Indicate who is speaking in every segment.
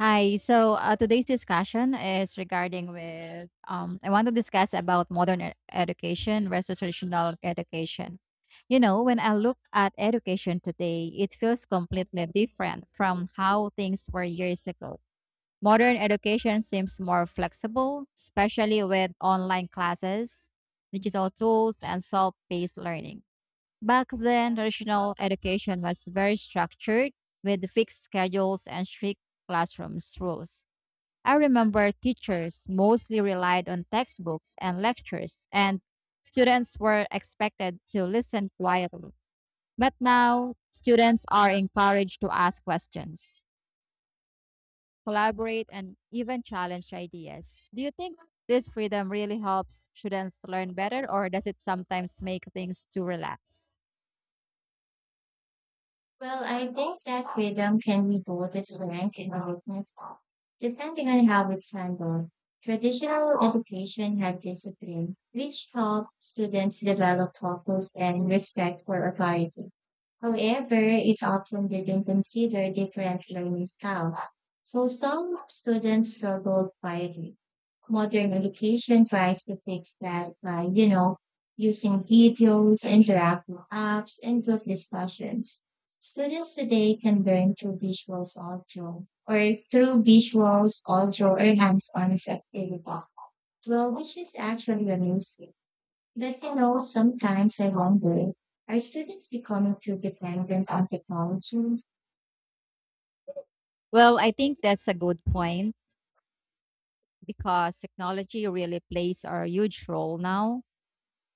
Speaker 1: Hi. Today's discussion is regarding with I want to discuss about modern education versus traditional education. You know, when I look at education today, it feels completely different from how things were years ago. Modern education seems more flexible, especially with online classes, digital tools, and self-paced learning. Back then, traditional education was very structured with fixed schedules and strict classrooms rules. I remember teachers mostly relied on textbooks and lectures, and students were expected to listen quietly. But now, students are encouraged to ask questions, collaborate, and even challenge ideas. Do you think this freedom really helps students learn better, or does it sometimes make things too relaxed?
Speaker 2: Well, I think that freedom can be both a strength and a weakness, depending on how it's handled. Traditional education had discipline, which helped students develop focus and respect for authority. However, it often didn't consider different learning styles, so some students struggled quietly. Modern education tries to fix that by using videos, interactive apps, and group discussions. Students today can learn through visuals audio or hands-on activity. Well, which is actually amazing. But sometimes I wonder, are students becoming too dependent on technology?
Speaker 1: Well, I think that's a good point because technology really plays a huge role now.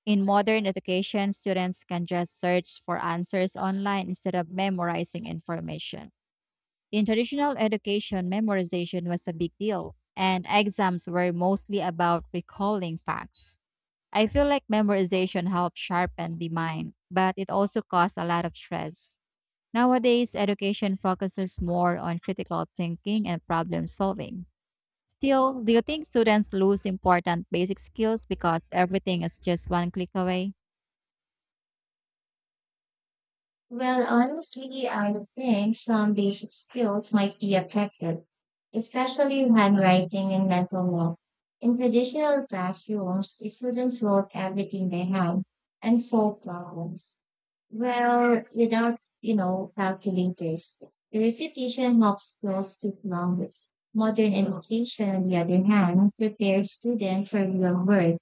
Speaker 1: In modern education, students can just search for answers online instead of memorizing information. In traditional education, memorization was a big deal, and exams were mostly about recalling facts. I feel like memorization helped sharpen the mind, but it also caused a lot of stress. Nowadays, education focuses more on critical thinking and problem solving. Still, do you think students lose important basic skills because everything is just one click away?
Speaker 2: Well, honestly, I think some basic skills might be affected, especially handwriting and mental math. In traditional classrooms, the students wrote everything they had and solved problems. Well, without calculators, the repetition helps skills to longer. Modern education, on the other hand, prepares students for real work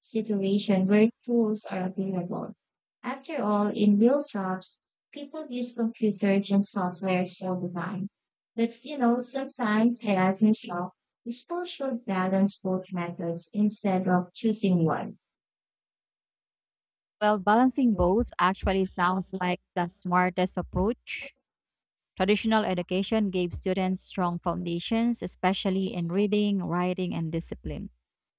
Speaker 2: situation where tools are available. After all, in real jobs, people use computers and software all the time. But sometimes I ask myself, we still should balance both methods instead of choosing one.
Speaker 1: Well, balancing both actually sounds like the smartest approach. Traditional education gave students strong foundations, especially in reading, writing, and discipline.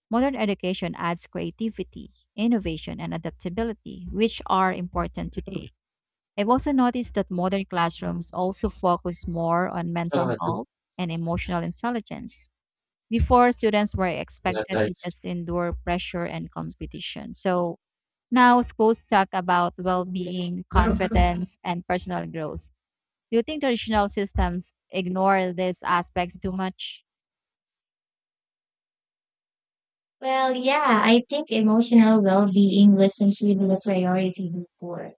Speaker 1: Modern education adds creativity, innovation, and adaptability, which are important today. I've also noticed that modern classrooms also focus more on mental health and emotional intelligence. Before, students were expected to just endure pressure and competition. So now schools talk about well being, confidence, and personal growth. Do you think traditional systems ignore these aspects too much?
Speaker 2: Well, yeah, I think emotional well-being wasn't really a priority before.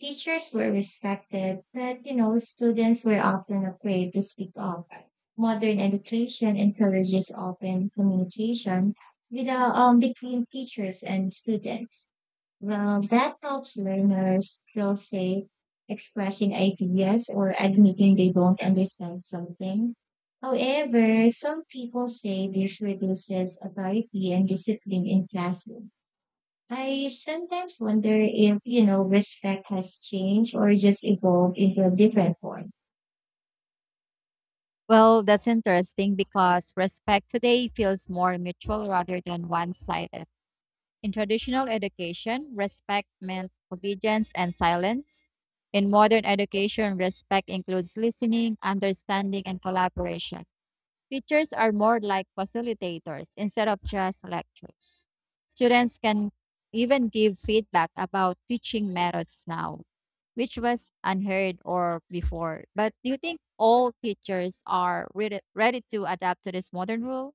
Speaker 2: Teachers were respected, but students were often afraid to speak up. Modern education encourages open communication between teachers and students. Well, that helps learners feel safe expressing ideas or admitting they don't understand something. However, some people say this reduces authority and discipline in classroom. I sometimes wonder if respect has changed or just evolved into a different form.
Speaker 1: Well, that's interesting because respect today feels more mutual rather than one sided. In traditional education, respect meant obedience and silence. In modern education, respect includes listening, understanding, and collaboration. Teachers are more like facilitators instead of just lectures. Students can even give feedback about teaching methods now, which was unheard or before. But do you think all teachers are ready to adapt to this modern rule?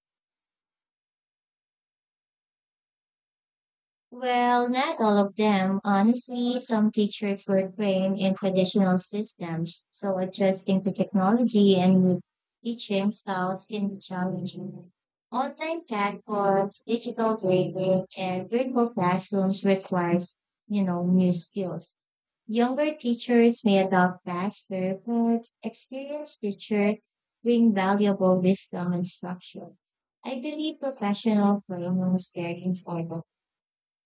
Speaker 2: Well, not all of them. Honestly, some teachers were trained in traditional systems, so adjusting to technology and new teaching styles can be challenging. Online platforms, digital grading, and virtual classrooms requires new skills. Younger teachers may adopt faster, but experienced teachers bring valuable wisdom and structure. I believe professional training is very important.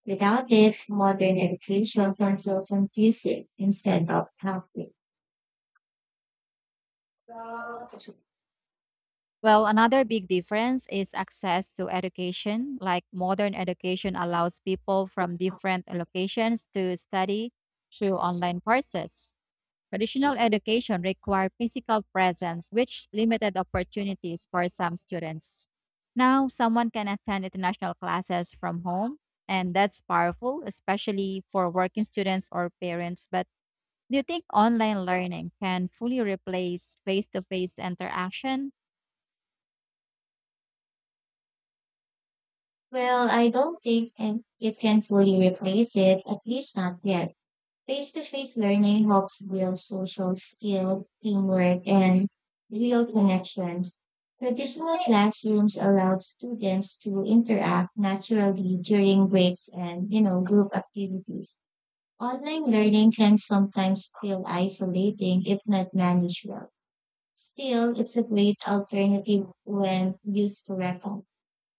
Speaker 2: Without it, modern education controls on music instead of helping.
Speaker 1: Well, another big difference is access to education. Like modern education allows people from different locations to study through online courses. Traditional education required physical presence, which limited opportunities for some students. Now, someone can attend international classes from home, and that's powerful, especially for working students or parents. But do you think online learning can fully replace face to face interaction?
Speaker 2: Well, I don't think and it can fully replace it, at least not yet. Face-to-face learning helps build social skills, teamwork, and real connections. Traditional classrooms allow students to interact naturally during breaks and group activities. Online learning can sometimes feel isolating if not managed well. Still, it's a great alternative when used correctly.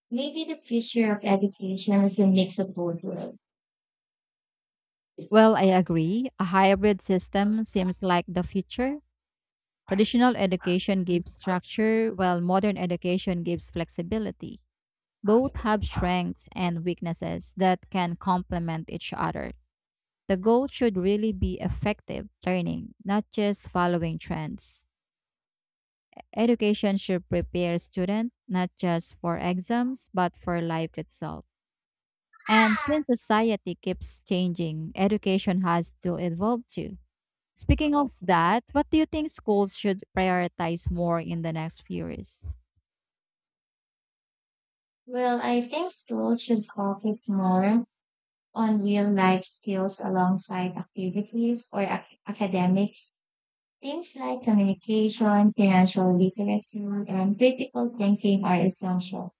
Speaker 2: Maybe the future of education is a mix of both worlds.
Speaker 1: Well, I agree. A hybrid system seems like the future. Traditional education gives structure, while modern education gives flexibility. Both have strengths and weaknesses that can complement each other. The goal should really be effective learning, not just following trends. Education should prepare students not just for exams, but for life itself. And since society keeps changing, education has to evolve too. Speaking of that, what do you think schools should prioritize more in the next few years?
Speaker 2: Well, I think schools should focus more on real life skills alongside activities or academics. Things like communication, financial literacy, and critical thinking are essential.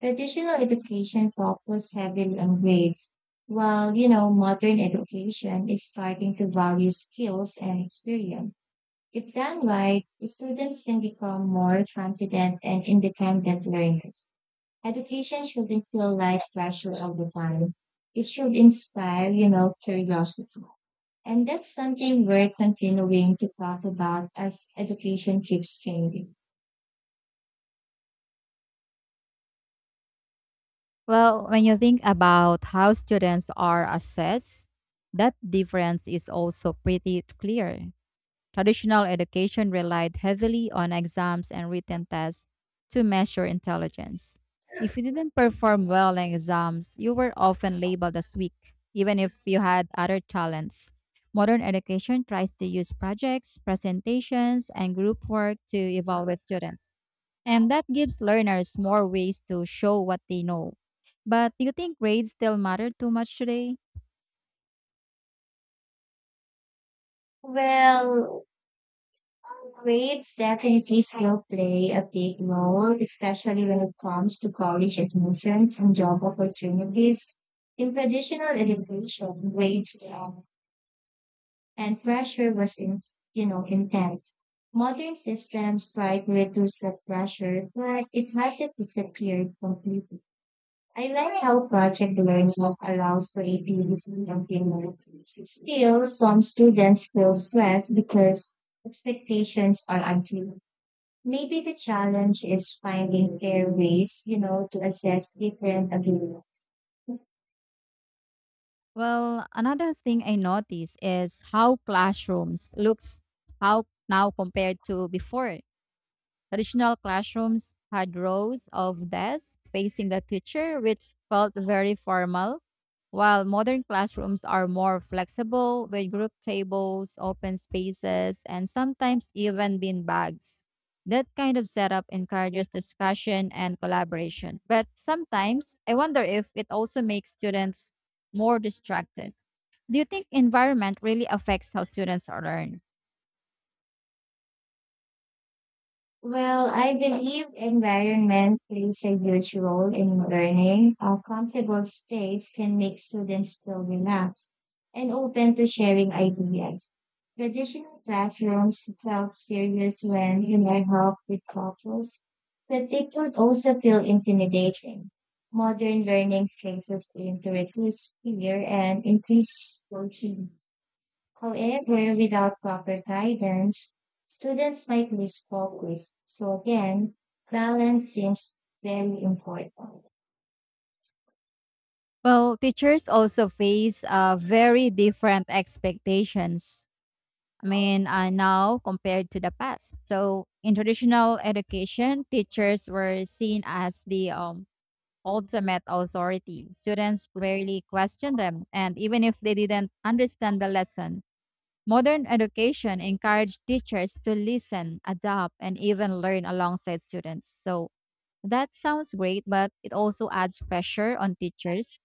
Speaker 2: Traditional education focused heavily on grades, while modern education is starting to value skills and experience. If done right, students can become more confident and independent learners. Education shouldn't feel like pressure all the time. It should inspire curiosity. And that's something we're continuing to talk about as education keeps changing.
Speaker 1: Well, when you think about how students are assessed, that difference is also pretty clear. Traditional education relied heavily on exams and written tests to measure intelligence. If you didn't perform well in exams, you were often labeled as weak, even if you had other talents. Modern education tries to use projects, presentations, and group work to evaluate students. And that gives learners more ways to show what they know. But do you think grades still matter too much today?
Speaker 2: Well, grades definitely still play a big role, especially when it comes to college admissions and job opportunities. In traditional education, grades and pressure was in, intense. Modern systems try to reduce that pressure, but it hasn't disappeared completely. I like how project learning allows creativity and humility. Still, some students feel stressed because expectations are unclear. Maybe the challenge is finding fair ways to assess different abilities.
Speaker 1: Well, another thing I notice is how classrooms looks how now compared to before. Traditional classrooms had rows of desks facing the teacher, which felt very formal, while modern classrooms are more flexible with group tables, open spaces, and sometimes even bean bags. That kind of setup encourages discussion and collaboration. But sometimes I wonder if it also makes students more distracted. Do you think environment really affects how students learn?
Speaker 2: Well, I believe environment plays a huge role in learning. A comfortable space can make students feel relaxed and open to sharing ideas. Traditional classrooms felt serious when you interlocked with couples, but they could also feel intimidating. Modern learning spaces aim to reduce fear and increase coaching. However, without proper guidance, students might lose focus. So again, balance seems very important.
Speaker 1: Well, teachers also face very different expectations. I mean, now compared to the past. So, in traditional education, teachers were seen as the ultimate authority. Students rarely questioned them, and even if they didn't understand the lesson, modern education encouraged teachers to listen, adapt, and even learn alongside students. So, that sounds great, but it also adds pressure on teachers.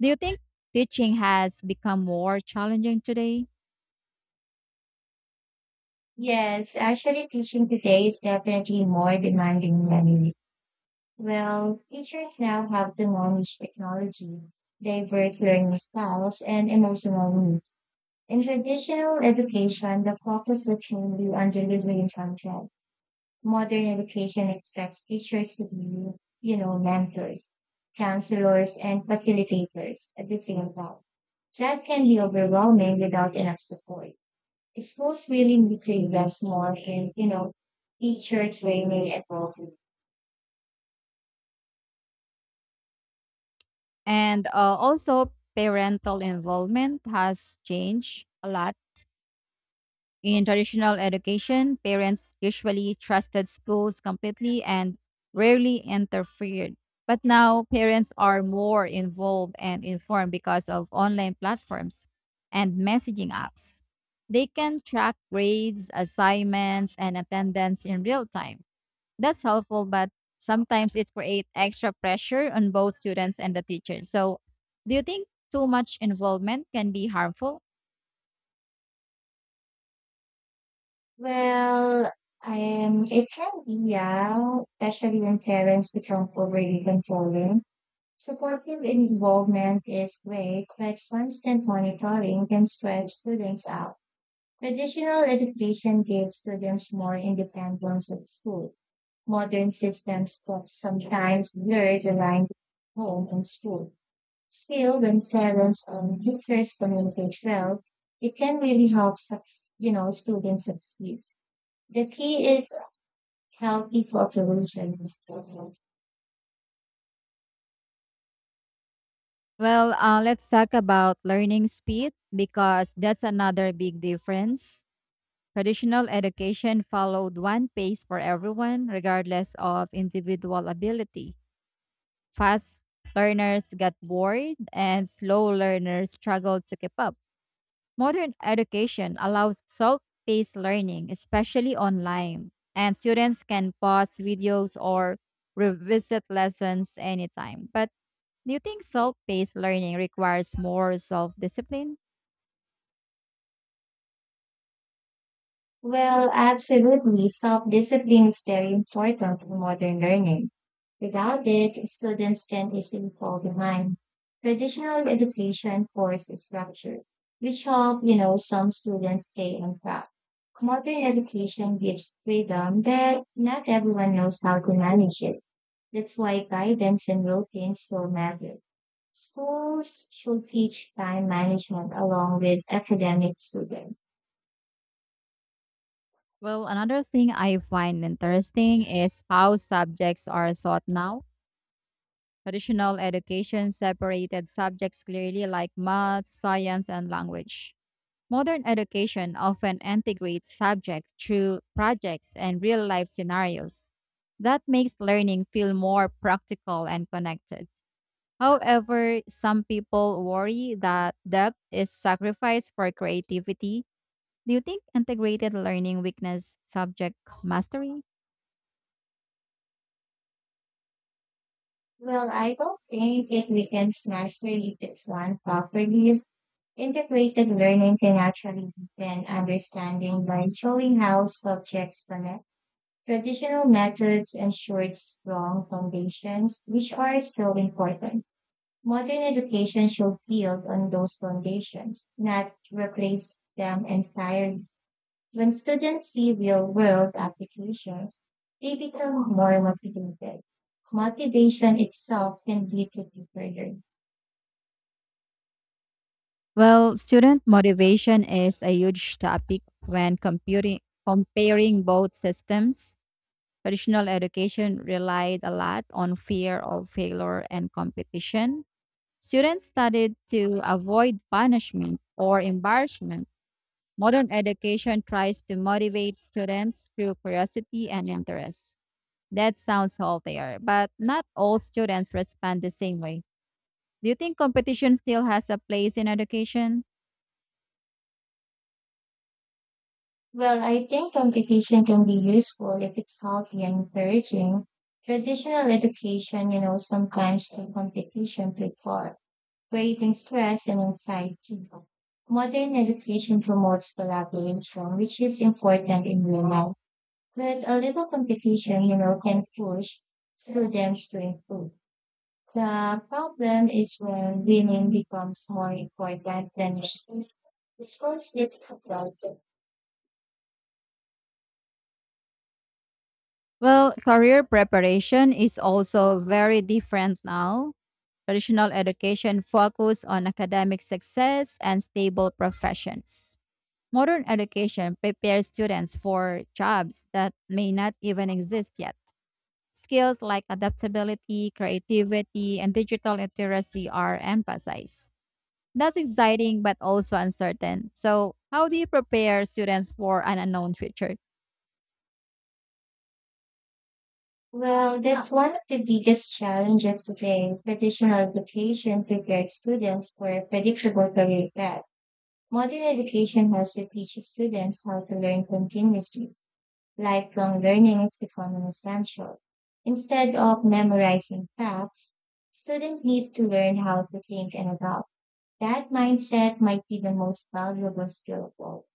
Speaker 1: Do you think teaching has become more challenging today?
Speaker 2: Yes, actually teaching today is definitely more demanding than it. Well, teachers now have to manage technology, diverse learning styles, and emotional needs. In traditional education, the focus was mainly on delivery and content modern education expects teachers to be, mentors, counselors, and facilitators at the same time. That can be overwhelming without enough support. Schools really need to invest more in teacher training and involvement.
Speaker 1: And Also, parental involvement has changed a lot. In traditional education, parents usually trusted schools completely and rarely interfered. But now, parents are more involved and informed because of online platforms and messaging apps. They can track grades, assignments, and attendance in real time. That's helpful, but sometimes it creates extra pressure on both students and the teacher. So, do you think too much involvement can be harmful?
Speaker 2: Well, it can be, yeah, especially when parents become overly controlling. Supportive involvement is great, but constant monitoring can stress students out. Traditional education gave students more independence at school. Modern systems that sometimes blur the line between home and school. Still, when parents and teachers communicate well, it can really help students succeed. The key is healthy cooperation.
Speaker 1: Let's talk about learning speed because that's another big difference. Traditional education followed one pace for everyone, regardless of individual ability. Fast learners got bored, and slow learners struggled to keep up. Modern education allows self paced learning, especially online, and students can pause videos or revisit lessons anytime. But do you think self paced learning requires more self discipline?
Speaker 2: Well, absolutely. Self-discipline is very important in modern learning. Without it, students can easily fall behind. Traditional education forces structure, which help some students stay on track. Modern education gives freedom that not everyone knows how to manage it. That's why guidance and routines still matter. Schools should teach time management along with academic students.
Speaker 1: Well, another thing I find interesting is how subjects are taught now. Traditional education separated subjects clearly, like math, science, and language. Modern education often integrates subjects through projects and real life scenarios. That makes learning feel more practical and connected. However, some people worry that depth is sacrificed for creativity. Do you think integrated learning weakness subject mastery?
Speaker 2: Well, I don't think it weakens mastery if it's one properly. Integrated learning can actually deepen understanding by showing how subjects connect. Traditional methods ensured strong foundations, which are still important. Modern education should build on those foundations, not replace them entirely. When students see real-world applications, they become more motivated. Motivation itself can lead to failure.
Speaker 1: Well, student motivation is a huge topic when computing, comparing both systems. Traditional education relied a lot on fear of failure and competition. Students studied to avoid punishment or embarrassment. Modern education tries to motivate students through curiosity and interest. That sounds healthier, but not all students respond the same way. Do you think competition still has a place in education?
Speaker 2: Well, I think competition can be useful if it's healthy and encouraging. Traditional education sometimes the competition too far, creating stress and anxiety. Modern education promotes collaboration, which is important in real life. But a little competition can push students to improve. The problem is when winning becomes more important than making scores difficult.
Speaker 1: Well, career preparation is also very different now. Traditional education focus on academic success and stable professions. Modern education prepares students for jobs that may not even exist yet. Skills like adaptability, creativity, and digital literacy are emphasized. That's exciting but also uncertain. So, how do you prepare students for an unknown future?
Speaker 2: Well, that's one of the biggest challenges today. Traditional education prepared students for a predictable career path. Modern education has to teach students how to learn continuously. Lifelong learning is becoming essential. Instead of memorizing facts, students need to learn how to think and adapt. That mindset might be the most valuable skill of all.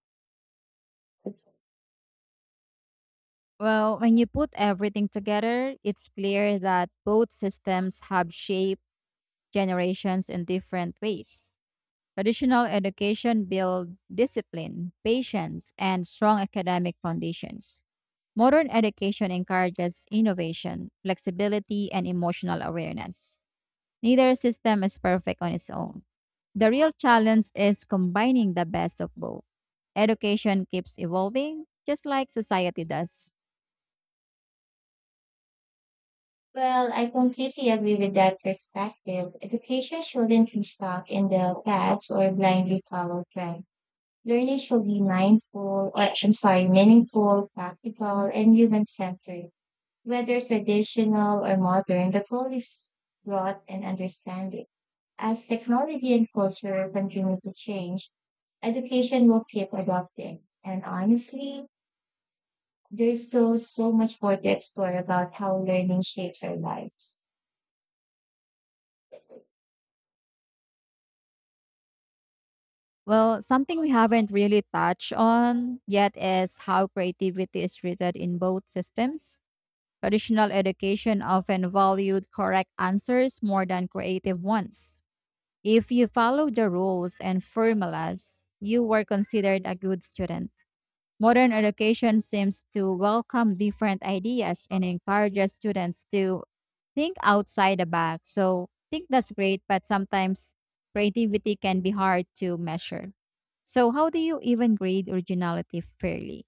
Speaker 1: Well, when you put everything together, it's clear that both systems have shaped generations in different ways. Traditional education build discipline, patience, and strong academic foundations. Modern education encourages innovation, flexibility, and emotional awareness. Neither system is perfect on its own. The real challenge is combining the best of both. Education keeps evolving, just like society does.
Speaker 2: Well, I completely agree with that perspective. Education shouldn't be stuck in the past or blindly follow trends. Learning should be mindful, or I'm sorry, meaningful, practical, and human-centered. Whether traditional or modern, the goal is growth and understanding. As technology and culture continue to change, education will keep adapting. And honestly, there's still so much more to explore about how learning shapes our lives.
Speaker 1: Well, something we haven't really touched on yet is how creativity is treated in both systems. Traditional education often valued correct answers more than creative ones. If you follow the rules and formulas, you were considered a good student. Modern education seems to welcome different ideas and encourages students to think outside the box. So, I think that's great, but sometimes creativity can be hard to measure. So, how do you even grade originality fairly?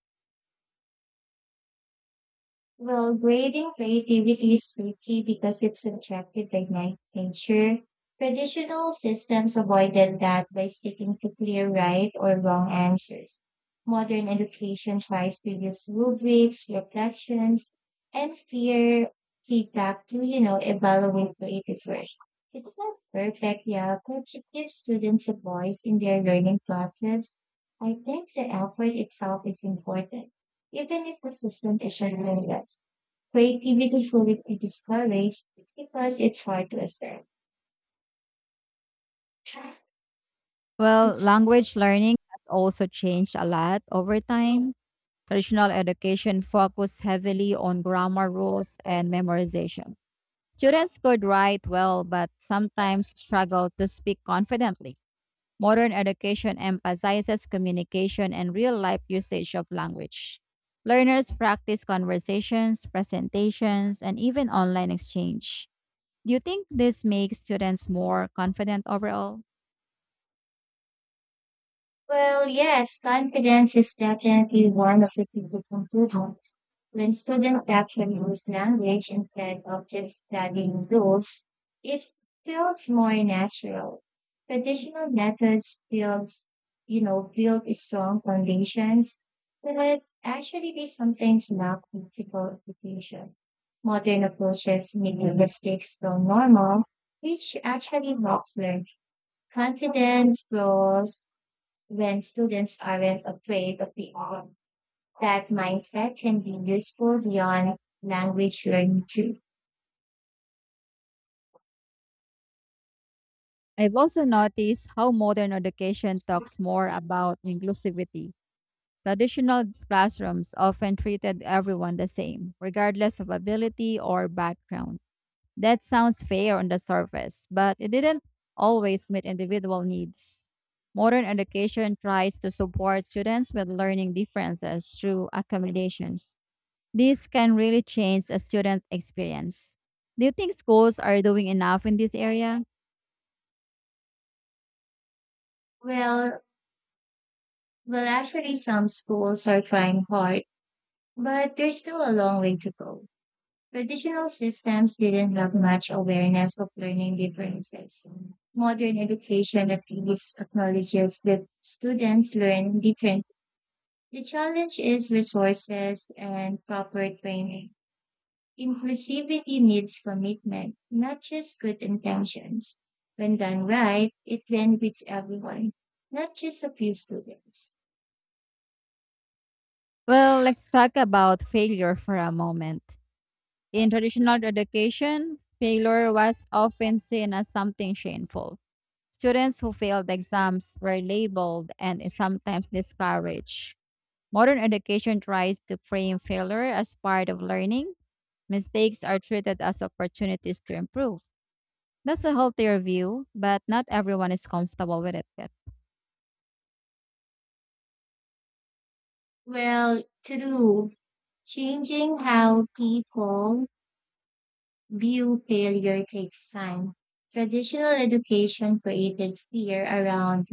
Speaker 2: Well, grading creativity is tricky because it's subjective by nature. Traditional systems avoided that by sticking to clear right or wrong answers. Modern education tries to use rubrics, reflections, and peer feedback to evaluate creative work. It's not perfect, yeah, but it gives students a voice in their learning process. I think the effort itself is important even if the system is relentless, creativity shouldn't be discouraged because it's hard to accept.
Speaker 1: Well, language learning has also changed a lot over time. Traditional education focused heavily on grammar rules and memorization. Students could write well, but sometimes struggled to speak confidently. Modern education emphasizes communication and real life usage of language. Learners practice conversations, presentations, and even online exchange. Do you think this makes students more confident overall?
Speaker 2: Well, yes, confidence is definitely one of the biggest improvements. When students actually use language instead of just studying rules, it feels more natural. Traditional methods build strong foundations, but actually they sometimes lack practical application. Modern approaches make mistakes so normal, which actually helps learn confidence, grows, when students aren't afraid of the arm. That mindset can be useful beyond language learning too.
Speaker 1: I've also noticed how modern education talks more about inclusivity. Traditional classrooms often treated everyone the same, regardless of ability or background. That sounds fair on the surface, but it didn't always meet individual needs. Modern education tries to support students with learning differences through accommodations. This can really change a student experience. Do you think schools are doing enough in this area?
Speaker 2: Well, well, actually, some schools are trying hard, but there's still a long way to go. Traditional systems didn't have much awareness of learning differences. Modern education at least acknowledges that students learn differently. The challenge is resources and proper training. Inclusivity needs commitment, not just good intentions. When done right, it benefits everyone, not just a few students.
Speaker 1: Well, let's talk about failure for a moment. In traditional education, failure was often seen as something shameful. Students who failed exams were labeled and sometimes discouraged. Modern education tries to frame failure as part of learning. Mistakes are treated as opportunities to improve. That's a healthier view, but not everyone is comfortable with it yet.
Speaker 2: Well, true, changing how people view failure takes time. Traditional education created fear around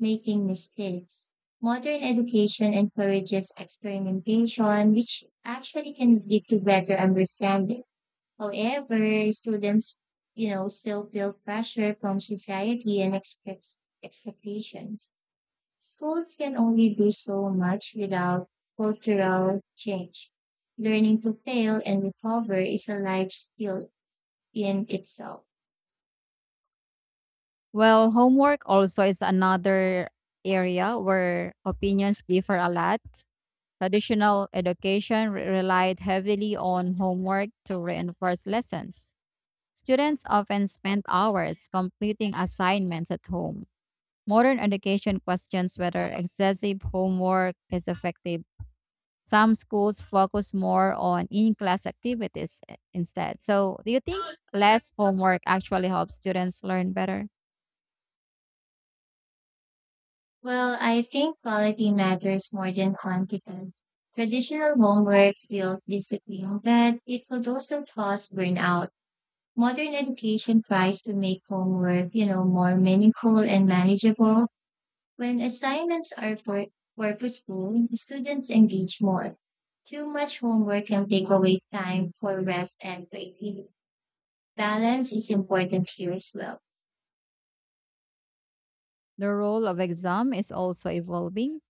Speaker 2: making mistakes. Modern education encourages experimentation, which actually can lead to better understanding. However, students still feel pressure from society and expects expectations. Schools can only do so much without cultural change. Learning to fail and recover is a life skill in itself.
Speaker 1: Well, homework also is another area where opinions differ a lot. Traditional education relied heavily on homework to reinforce lessons. Students often spent hours completing assignments at home. Modern education questions whether excessive homework is effective. Some schools focus more on in class activities instead. So, do you think less homework actually helps students learn better?
Speaker 2: Well, I think quality matters more than quantity. Traditional homework feels discipline, but it could also cause burnout. Modern education tries to make homework more meaningful and manageable. When assignments are purposeful, students engage more. Too much homework can take away time for rest and creativity. Balance is important here as well.
Speaker 1: The role of exam is also evolving.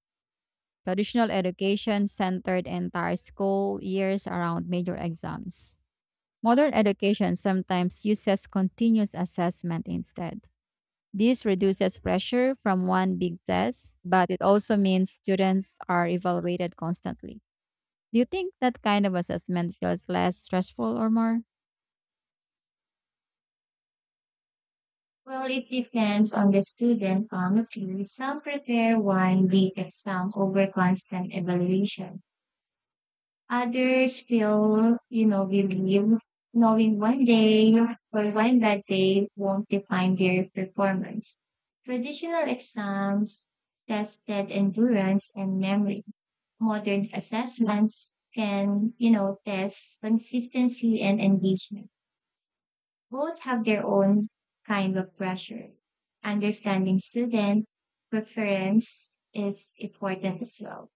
Speaker 1: Traditional education centered entire school years around major exams. Modern education sometimes uses continuous assessment instead. This reduces pressure from one big test, but it also means students are evaluated constantly. Do you think that kind of assessment feels less stressful or more?
Speaker 2: Well, it depends on the student, honestly. Some prepare one week exam over constant evaluation. Others feel, believe knowing one day or one bad day won't define their performance. Traditional exams tested endurance and memory. Modern assessments can test consistency and engagement. Both have their own kind of pressure. Understanding student preference is important as well.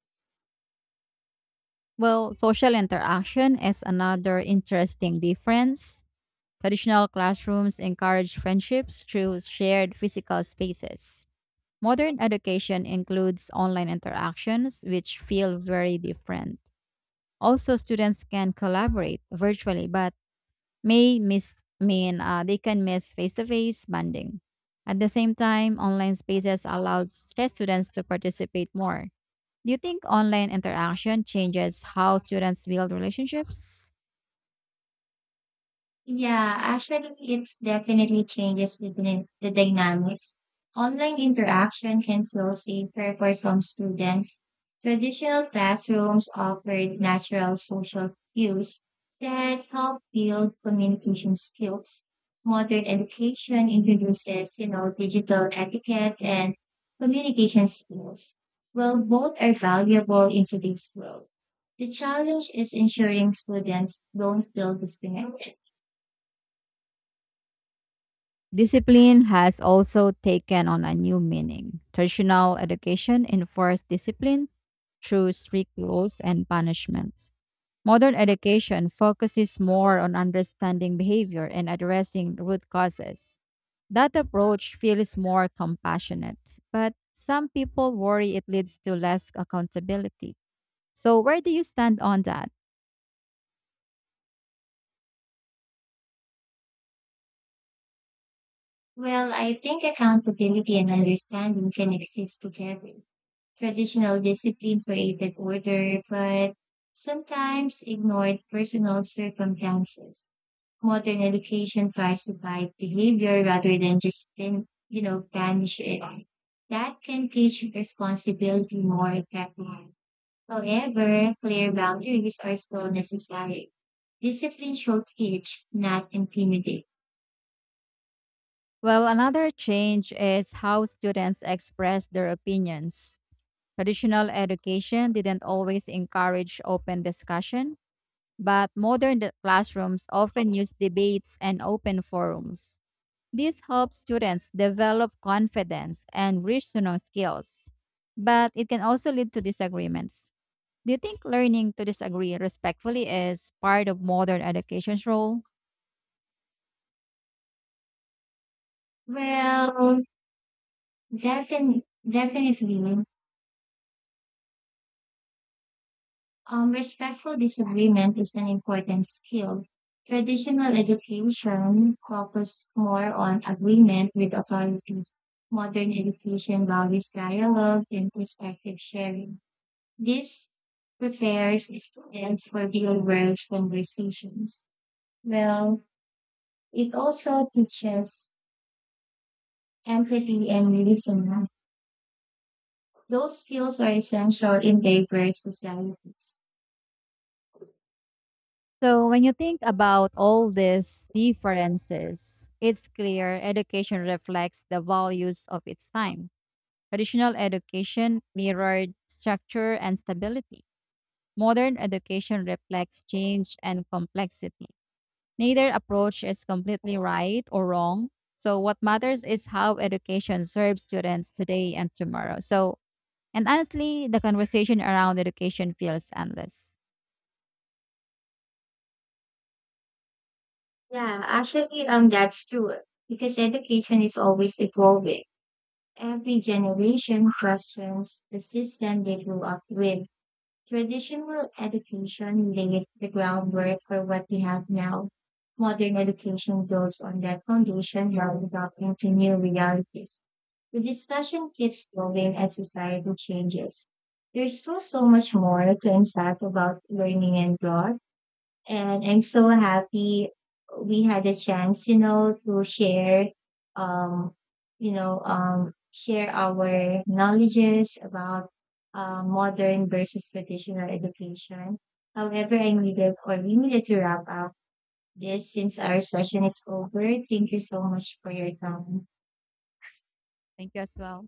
Speaker 1: Well, social interaction is another interesting difference. Traditional classrooms encourage friendships through shared physical spaces. Modern education includes online interactions, which feel very different. Also, students can collaborate virtually, but may miss mean they can miss face-to-face bonding. At the same time, online spaces allow stress students to participate more. Do you think online interaction changes how students build relationships?
Speaker 2: Yeah, actually, it's definitely changes within the dynamics. Online interaction can feel safer for some students. Traditional classrooms offered natural social cues that help build communication skills. Modern education introduces digital etiquette and communication skills. Well, both are valuable in today's world. The challenge is ensuring students don't feel disconnected.
Speaker 1: Discipline has also taken on a new meaning. Traditional education enforced discipline through strict rules and punishments. Modern education focuses more on understanding behavior and addressing root causes. That approach feels more compassionate, but some people worry it leads to less accountability. So, where do you stand on that?
Speaker 2: Well, I think accountability and understanding can exist together. Traditional discipline created order, but sometimes ignored personal circumstances. Modern education tries to guide behavior rather than just punish it. That can teach responsibility more effectively. However, clear boundaries are still necessary. Discipline should teach, not intimidate.
Speaker 1: Well, another change is how students express their opinions. Traditional education didn't always encourage open discussion, but modern classrooms often use debates and open forums. This helps students develop confidence and reasoning skills, but it can also lead to disagreements. Do you think learning to disagree respectfully is part of modern education's role?
Speaker 2: Well, Defin- definitely, um, respectful disagreement is an important skill. Traditional education focused more on agreement with authority. Modern education values dialogue and perspective sharing. This prepares students for real-world conversations. Well, it also teaches empathy and listening. Those skills are essential in diverse societies.
Speaker 1: So, when you think about all these differences, it's clear education reflects the values of its time. Traditional education mirrored structure and stability. Modern education reflects change and complexity. Neither approach is completely right or wrong. So, what matters is how education serves students today and tomorrow. So, and honestly, the conversation around education feels endless.
Speaker 2: Yeah, actually, that's true. Because education is always evolving. Every generation questions the system they grew up with. Traditional education laid the groundwork for what we have now. Modern education builds on that foundation while adapting to new realities. The discussion keeps growing as society changes. There's still so much more to unpack about learning and growth and I'm so happy we had a chance to um, share our knowledges about modern versus traditional education. However, I needed or we needed to wrap up this since our session is over. Thank you so much for your time.
Speaker 1: Thank you as well.